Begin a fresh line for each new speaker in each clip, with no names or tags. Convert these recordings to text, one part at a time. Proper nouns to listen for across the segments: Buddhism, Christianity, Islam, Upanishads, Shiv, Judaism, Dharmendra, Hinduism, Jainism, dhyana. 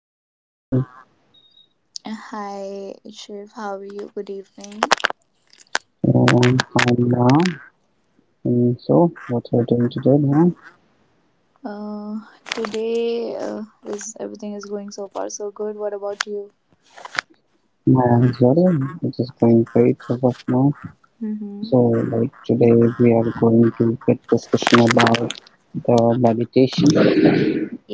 Good evening.
Hi, Shiv. How are you? Good evening.
I'm Ram. And so, what you're doing today, Ram?
Uh, today is everything is going so far so good. What about you?
I'm well. It is going great. How about now?
Mm-hmm.
So, today, we are going to get discussion about the meditation.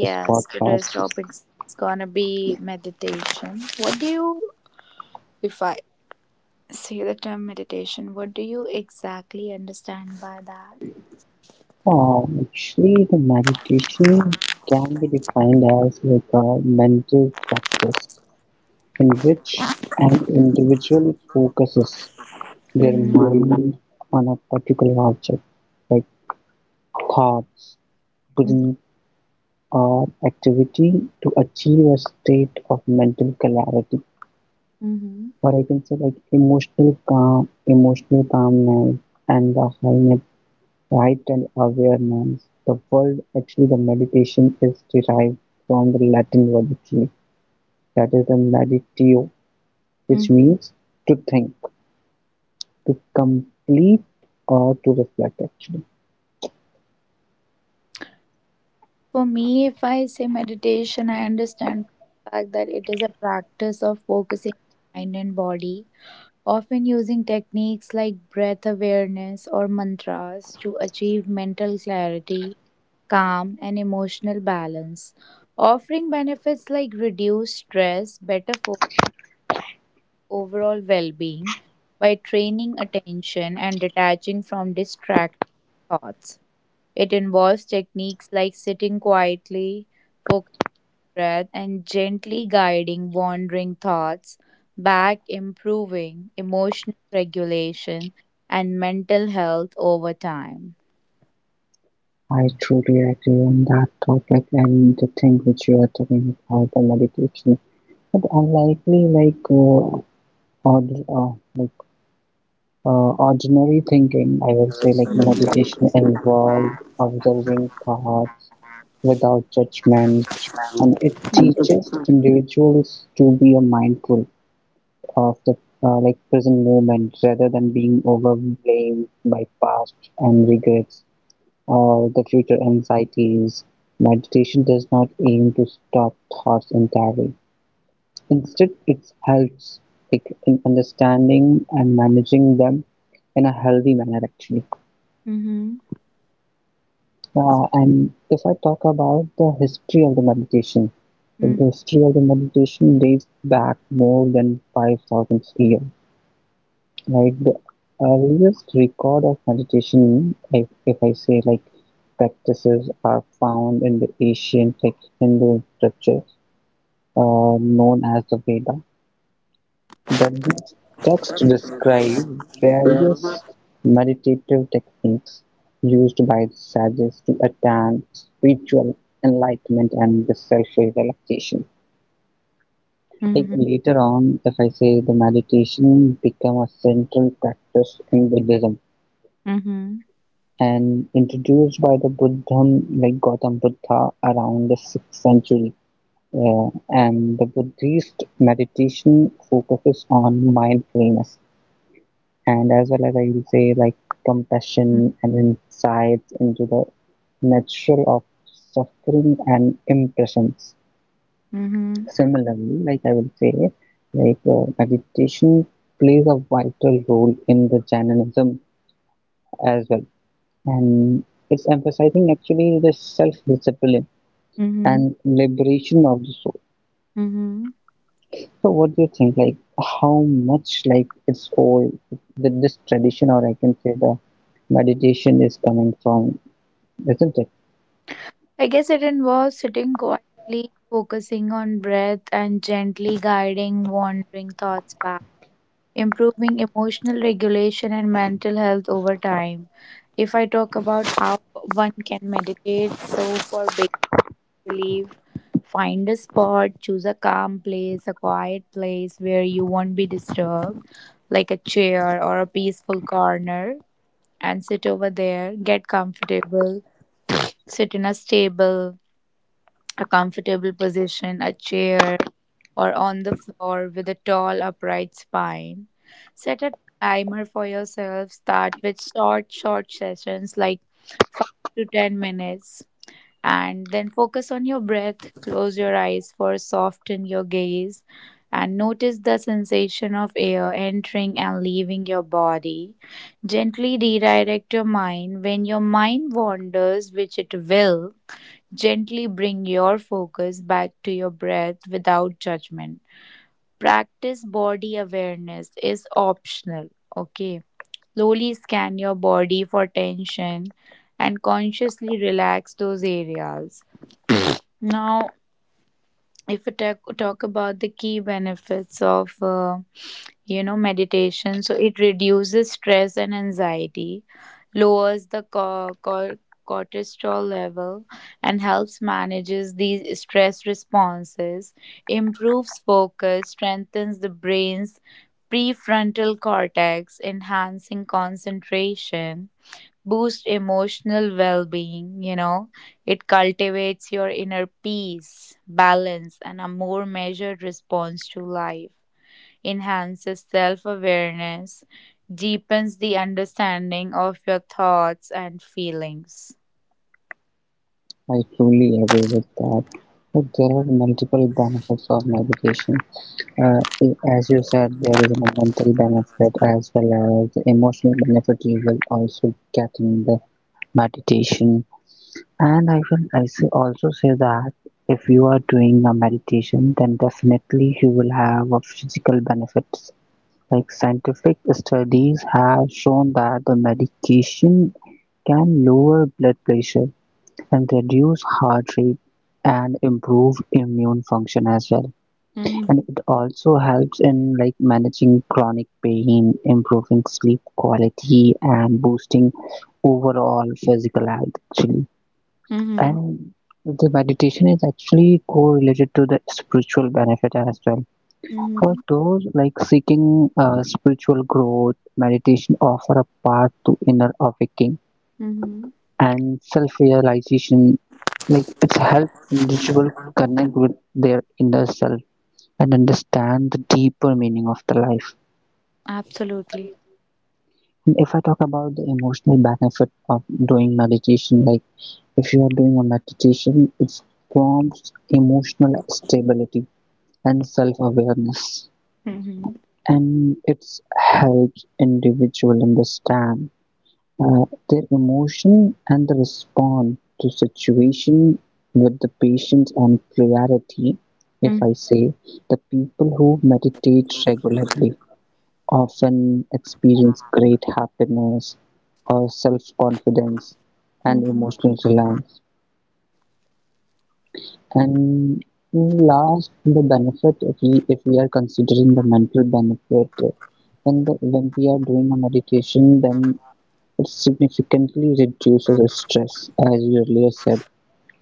This
today's
podcast.
topic is gonna be meditation. If I say the term meditation, what do you exactly understand by that?
Actually, the meditation can be defined as like a mental practice in which an individual focuses their
Mm-hmm.
mind on a particular object, like thoughts, brain, or activity to achieve a state of mental clarity,
Mm-hmm.
or I can say like emotional calm, emotional calmness, and the heightened awareness. The word actually, the meditation is derived from the Latin word actually, that is the meditio, which
Mm.
means to think, to complete, or to reflect actually.
For me, if I say meditation, I understand the fact that it is a practice of focusing mind and body often using techniques like breath awareness or mantras to achieve mental clarity, calm, and emotional balance, offering benefits like reduced stress, overall well being by training attention and detaching from distracting thoughts. It involves techniques like sitting quietly, breath and gently guiding wandering thoughts back, improving emotional regulation and mental health over time.
I truly agree on that topic and the thing which you are talking about the meditation. But unlikely, like ord uh, like ordinary thinking, I would say like meditation involves observing thoughts without judgment, and it
Mm-hmm.
teaches individuals to be a mindful of the like present moment rather than being overwhelmed by past and regrets or the future anxieties. Meditation does not aim to stop thoughts entirely. Instead, it helps like, in understanding and managing them in a healthy manner, actually. And if I talk about the history of the meditation, the
Mm-hmm.
history of the meditation dates back more than 5,000 years. Like the earliest record of meditation, if I say like practices are found in the ancient like Hindu literature known as the Veda. That these texts describe various meditative techniques used by the sages to attain spiritual enlightenment and the self-realization. Like
Mm-hmm.
later on, if I say the meditation become a central practice in Buddhism and introduced by the Buddhism like Gautam Buddha around the 6th century. And the Buddhist meditation focuses on mindfulness and as well as I will say like
Mm-hmm.
compassion and insights into the nature of suffering and impressions.
Mm-hmm.
Similarly, like I will say, like meditation plays a vital role in the Jainism as well and it's emphasizing actually the self-discipline and liberation of the soul.
Mm-hmm.
So, what do you think? Like, how much like it's old that this tradition, or I can say the meditation, is coming from, isn't it?
I guess it involves sitting quietly, focusing on breath, and gently guiding wandering thoughts back, improving emotional regulation and mental health over time. If I talk about how one can meditate, so for big relief, find a spot, choose a calm place, a quiet place where you won't be disturbed, like a chair or a peaceful corner, and sit over there, get comfortable, sit in a stable, a comfortable position, a chair or on the floor with a tall, upright spine. Set a timer for yourself. Start with short sessions like 5 to 10 minutes. And then focus on your breath. Close your eyes for soften your gaze and notice the sensation of air entering and leaving your body. Gently redirect your mind. When your mind wanders, which it will, gently bring your focus back to your breath without judgment. Practice body awareness is optional. Okay. Slowly scan your body for tension and consciously relax those areas. Now, if we talk about the key benefits of meditation, so it reduces stress and anxiety, lowers the cortisol level and helps manages these stress responses, improves focus, strengthens the brain's prefrontal cortex, enhancing concentration, boost emotional well-being, it cultivates your inner peace, balance, and a more measured response to life, enhances self-awareness, deepens the understanding of your thoughts and feelings.
I truly agree with that. But there are multiple benefits of meditation. Uh, as you said, there is a mental benefit as well as the emotional benefit you will also get in the meditation. And I say also say that if you are doing a meditation, then definitely you will have a physical benefits. Like scientific studies have shown that the medication can lower blood pressure and reduce heart rate and improve immune function as well.
Mm-hmm.
And it also helps in like managing chronic pain, improving sleep quality, and boosting overall physical health actually.
Mm-hmm.
And the meditation is actually correlated to the spiritual benefit as well
Mm-hmm.
for those like seeking spiritual growth meditation offer a path to inner awakening
Mm-hmm.
and self-realization, like it's help individual connect with their inner self and understand the deeper meaning of the life.
Absolutely.
And if I talk about the emotional benefit of doing meditation, like if you are doing a meditation it forms emotional stability and self-awareness
Mm-hmm.
and it's helps individual understand their emotion and the respond to situation with the patience and clarity. If
Mm-hmm.
I say the people who meditate regularly often experience great happiness or self-confidence and
Mm-hmm.
emotional reliance. And last, the benefit, if we are considering the mental benefit, when we are doing a meditation, then it significantly reduces stress, as you earlier said.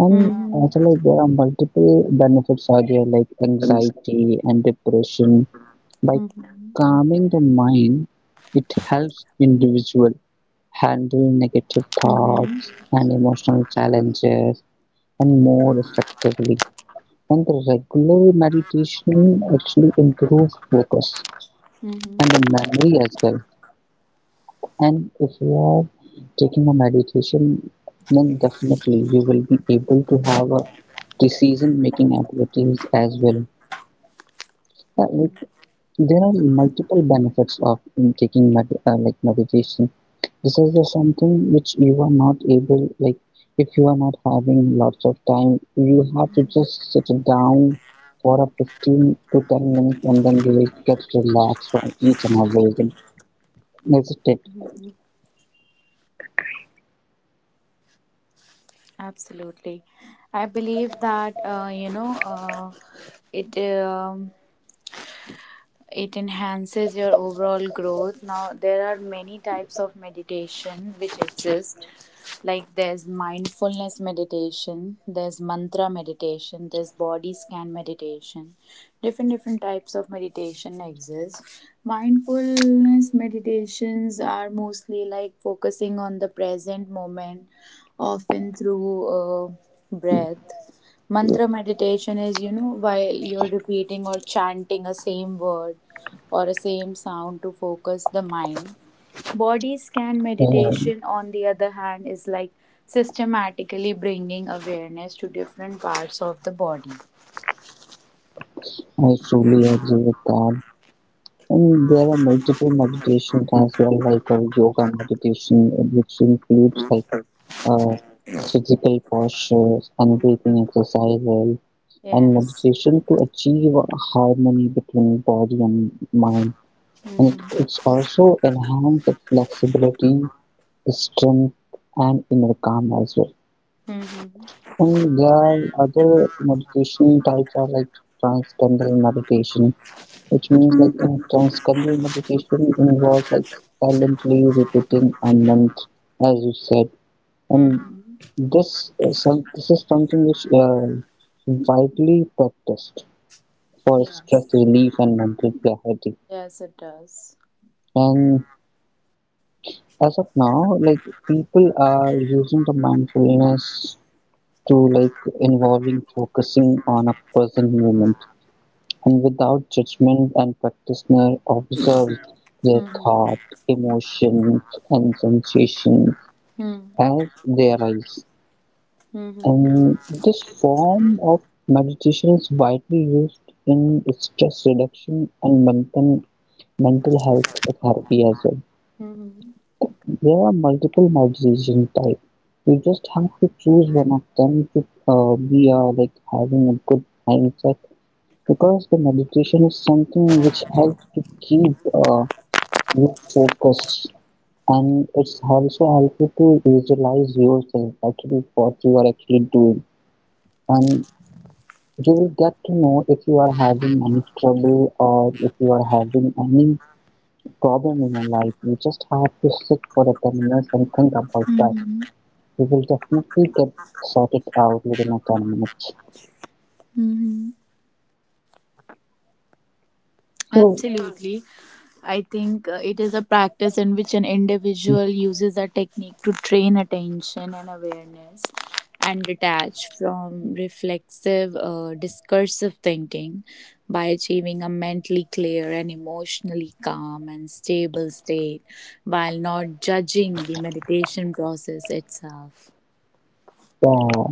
And
Mm-hmm.
also, like, there are multiple benefits out there, like anxiety and depression. By
Mm-hmm.
calming the mind, it helps individual handle negative thoughts and emotional challenges and more effectively, and the regular meditation actually improves focus
Mm-hmm.
and the memory as well. And if you are taking a meditation, then definitely you will be able to have a decision making abilities as well. Like there are multiple benefits of like meditation. This is the something which you are not able like if you are not having lots of time you have to just sit down for a 15 to 10 minutes and then you will get relaxed from each and everything, isn't it?
Mm-hmm. Absolutely. I believe that, it. Um, it enhances your overall growth. Now there are many types of meditation which exist, like there's mindfulness meditation, there's mantra meditation, there's body scan meditation, different types of meditation exist. Mindfulness meditations are mostly like focusing on the present moment, often through breath. Mantra meditation is, you know, while you're repeating or chanting a same word or a same sound to focus the mind. Body scan
Uh,
meditation, on the other hand, is like systematically bringing awareness to different parts of the body.
I truly agree with that and there are multiple meditations as well, like a yoga meditation which includes like uh, physical postures and breathing exercises and
Yes.
meditation to achieve harmony between body and mind. And
Mm-hmm.
it's also enhanced the flexibility, the strength, and inner calm as well.
Mm-hmm.
And there are other meditation types are like transcendental meditation, which means like in transcendental meditation involves like silently repeating a mantra, as you said. And
Mm-hmm.
this is something which widely practiced for
Yeah.
stress relief and mental clarity.
Yes, it does.
And as of now, like people are using the mindfulness to like involving focusing on a present moment and without judgment and practitioner observes their
Mm-hmm.
thought, emotions and sensations as they arise.
Mm-hmm.
And this form of meditation is widely used in stress reduction and mental health therapy as well.
Mm-hmm. Mm-hmm.
There are multiple migration type. You just have to choose one of them to be like having a good mindset because the meditation is something which helps to keep you focused and it's also helps you to visualize yourself actually what you are actually doing and you will get to know if you are having any trouble or if you are having any problem in your life. You just have to sit for a 10 minutes and think about that we will definitely get sorted out within a 10 minutes.
Mm-hmm.
So,
Absolutely. I think it is a practice in which an individual uses a technique to train attention and awareness and detach from reflexive, discursive thinking by achieving a mentally clear and emotionally calm and stable state while not judging the meditation process itself.
uh,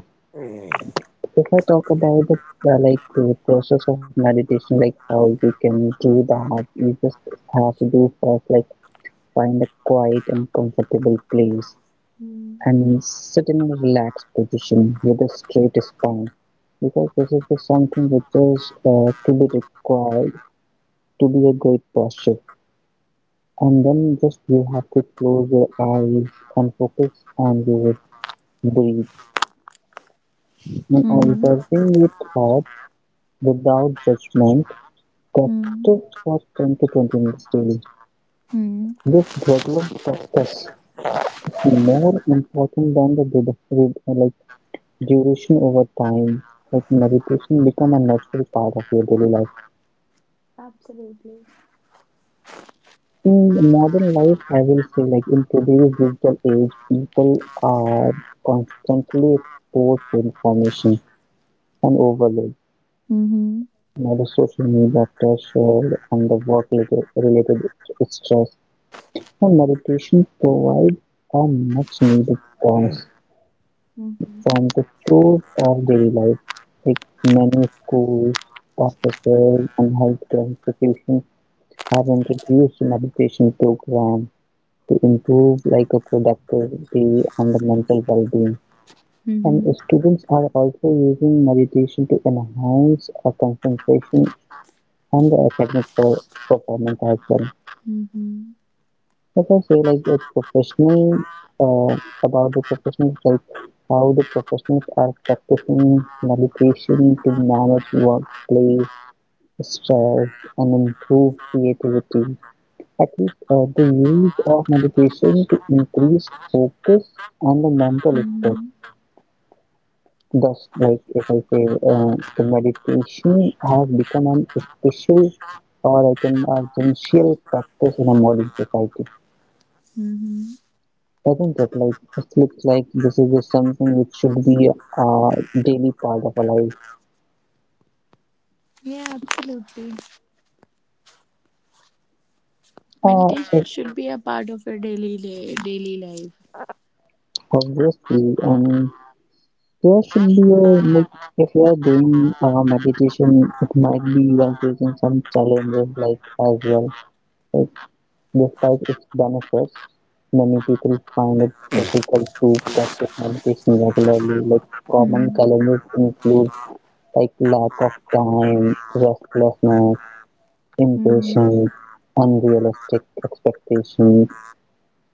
if I talk about the like the process of meditation, like how you can do that, you just have to do first, like find a quiet and comfortable place
Hmm.
and sit in a relaxed position with a straight spine because this is something which is to be required to be a great posture. And then just you have to close your eyes and focus on your breath in
Mm-hmm.
observing with thought, without judgment,
Mm-hmm.
practice for 10 to 20 minutes daily.
Mm-hmm.
This regular practice is more important than the like duration over time. Like meditation become a natural part of your daily life.
Absolutely.
In modern life, I will say like in today's digital age, people are constantly exposed to information and overload.
Mm-hmm.
Now the social media pressure and the work related stress, the meditations provide a much-needed pause
Hmm.
from the chores of daily life, like many schools, offices, and healthcare institutions have introduced meditation programs to improve like a productivity and the mental well-being. And
Mm-hmm.
students are also using meditation to enhance a concentration and the performance as well.
Mm-hmm.
If I say like a professional uh, about the professionals, like how the professionals are practicing meditation to manage workplace stress and improve creativity. At least the use of meditation to increase focus and the mental strength. Thus, like if I say, the meditation has become an special or I can essential practice in a modern society.
Mm-hmm.
Doesn't it like it looks like this is just something which should be a daily part of our life?
Yeah, absolutely.
Uh,
Meditation
it-
should be a part of your daily life.
obviously, and there should be a like if you are doing meditation, it might be you are facing some challenges like as well. Like despite its benefits, many people find it difficult to practice meditation regularly. Like common
Mm-hmm.
challenges include like lack of time, restlessness,
Mm-hmm.
impatient, unrealistic expectations: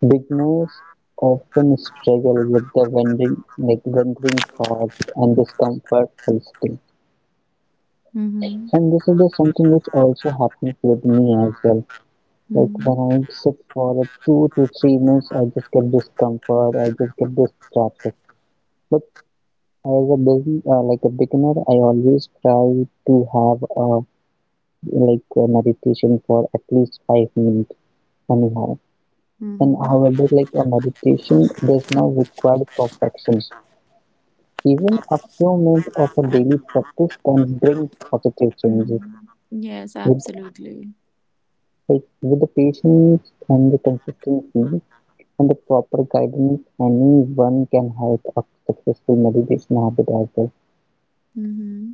beginners often struggle with the wandering thoughts and discomfort eliciting.
Mm-hmm.
And this is the something which also happens with me as well. Like when I sit for a 2 to 3 minutes, I just get discomfort. I just get distracted. But as a business, like a beginner, I always try to have a like a meditation for at least 5 minutes anyhow. And
Mm-hmm.
however, like a meditation does not require perfection. Even a few minutes of a daily practice can bring positive changes.
Mm-hmm. Yes,
With
absolutely.
like with the patience and the consistency and the proper guidance, anyone can have a successful meditation habit as well.
Mm-hmm.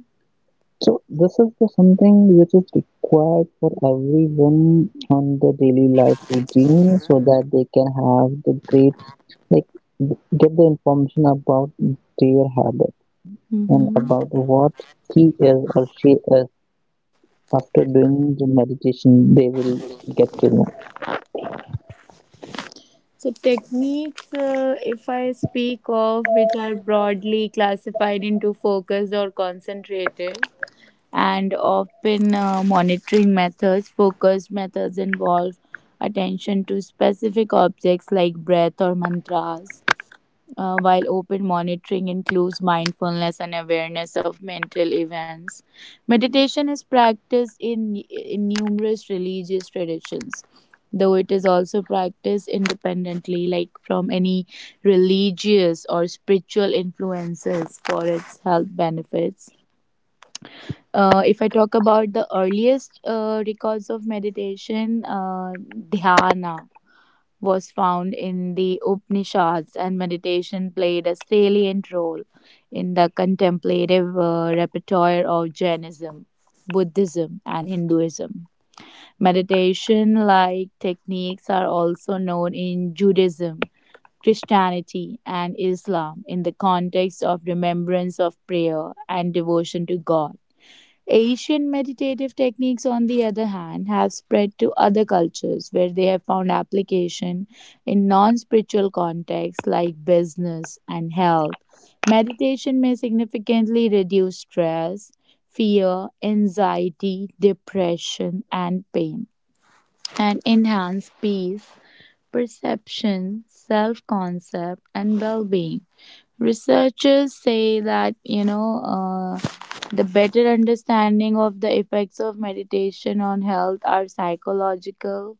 So this is the something which is required for everyone on the daily life routine so that they can have the great like get the information about their habit and
Mm-hmm.
about what he is or she is. After doing the meditation, they will get to know.
So, techniques, if I speak of, which are broadly classified into focused or concentrated, and often monitoring methods, focused methods involve attention to specific objects like breath or mantras. While open monitoring includes mindfulness and awareness of mental events, meditation is practiced in numerous religious traditions, though it is also practiced independently, like from any religious or spiritual influences for its health benefits. If I talk about the earliest records of meditation, dhyana was found in the Upanishads, and meditation played a salient role in the contemplative repertoire of Jainism, Buddhism, and Hinduism. Meditation like techniques are also known in Judaism, Christianity, and Islam in the context of remembrance of prayer and devotion to God. Asian meditative techniques, on the other hand, have spread to other cultures where they have found application in non spiritual contexts like business and health. Meditation may significantly reduce stress, fear, anxiety, depression, and pain, and enhance peace, perception, self concept, and well being. Researchers say that, the better understanding of the effects of meditation on health are psychological,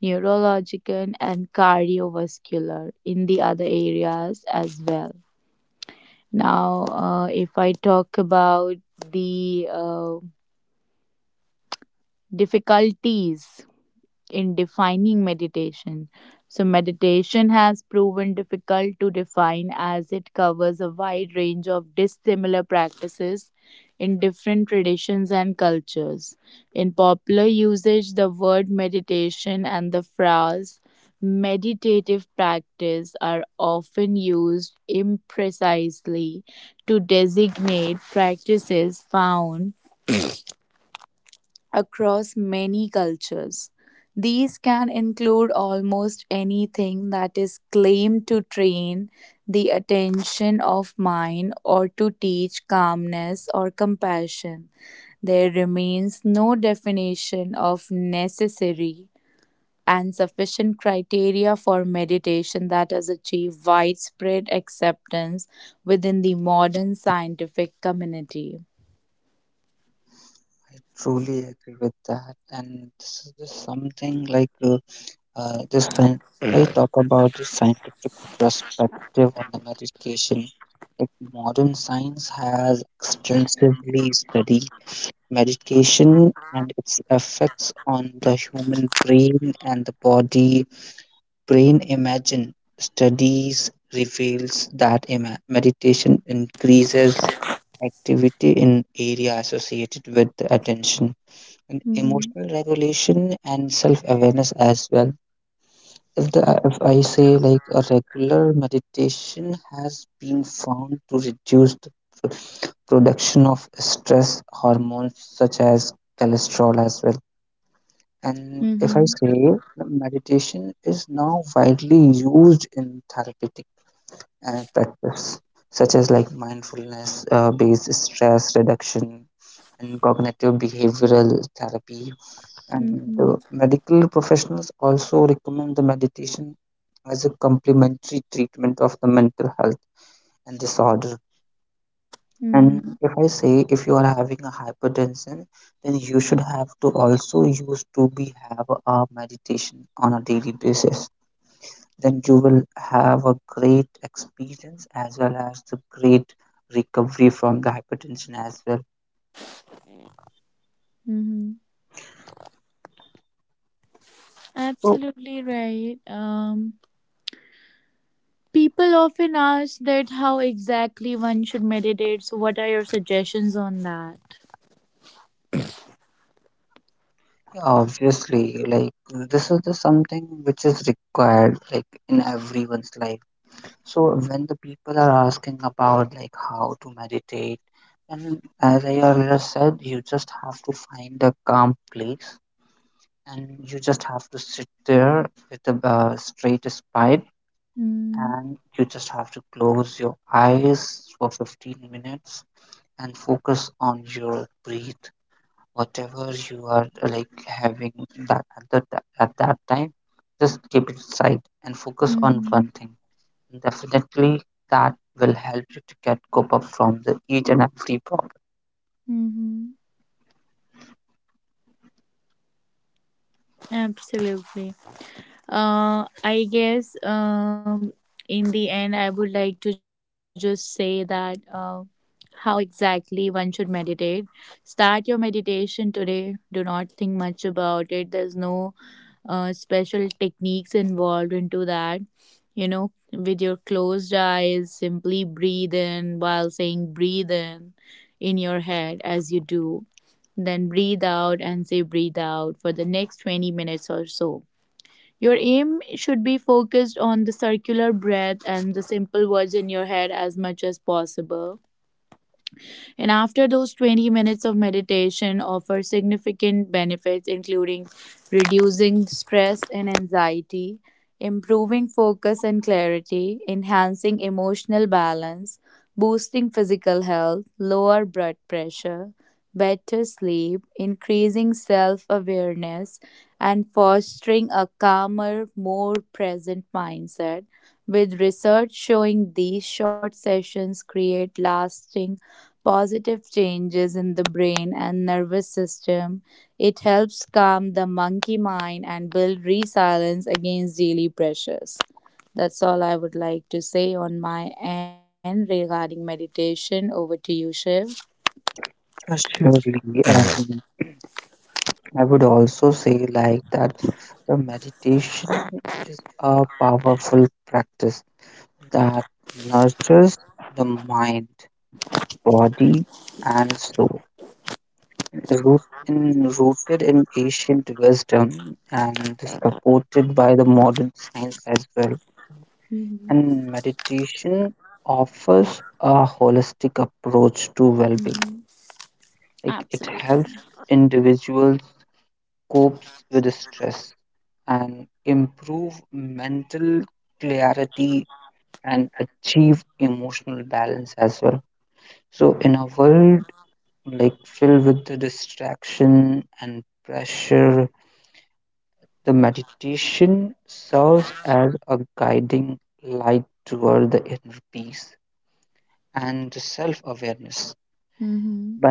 neurological, and cardiovascular in the other areas as well. Now, if I talk about the difficulties in defining meditation. So, meditation has proven difficult to define as it covers a wide range of dissimilar practices in different traditions and cultures. In popular usage, the word meditation and the phrase meditative practice are often used imprecisely to designate practices found across many cultures. These can include almost anything that is claimed to train the attention of mind or to teach calmness or compassion. There remains no definition of necessary and sufficient criteria for meditation that has achieved widespread acceptance within the modern scientific community.
I truly agree with that, and this is just something like this. When if I talk about the scientific perspective on the medication, like modern science has extensively studied medication and its effects on the human brain and the body brain imagine studies reveals that meditation increases activity in area associated with the attention and
Mm-hmm.
emotional regulation and self awareness as well. If the if I say like
Mm-hmm. Mm-hmm. Mm-hmm. Mm-hmm. Absolutely right. People often ask that how exactly one should meditate. So, what are your suggestions on that? Mm-hmm. Mm-hmm. Mm-hmm. Absolutely. I guess in the end, I would like to just say that how exactly one should meditate. Start your meditation today. Do not think much about it. There's no special techniques involved into that. You know, with your closed eyes, simply breathe in while saying breathe in your head as you do, then breathe out and say breathe out for the next 20 minutes or so. Your aim should be focused on the circular breath and the simple words in your head as much as possible, and after those 20 minutes of meditation offer significant benefits including reducing stress and anxiety, improving focus and clarity, enhancing emotional balance, boosting physical health, lower blood pressure, better sleep, increasing self-awareness and fostering a calmer, more present mindset with research showing these short sessions create lasting positive changes in the brain and nervous system. It helps calm the monkey mind and build resilience against daily pressures. That's all I would like to say on my end regarding meditation. Over to you, Shiv. Mm-hmm. Mm-hmm. Absolutely. Mm-hmm.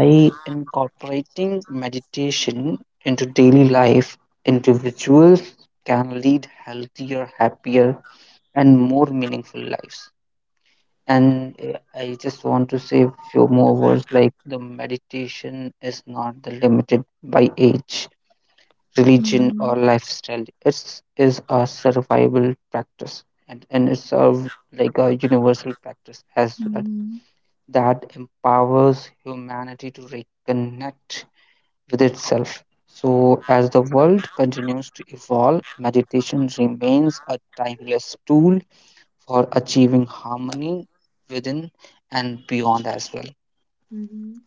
Mm-hmm. Mm-hmm. Mm-hmm.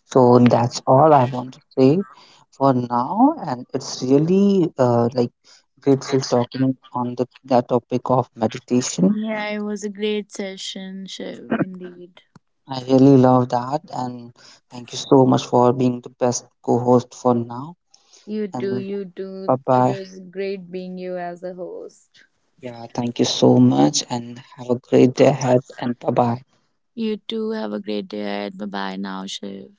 Yeah, it was a great session, Shiv, indeed. You too, you too. It was great being you as a host. You too. Have a great day ahead. Bye bye now, Shiv.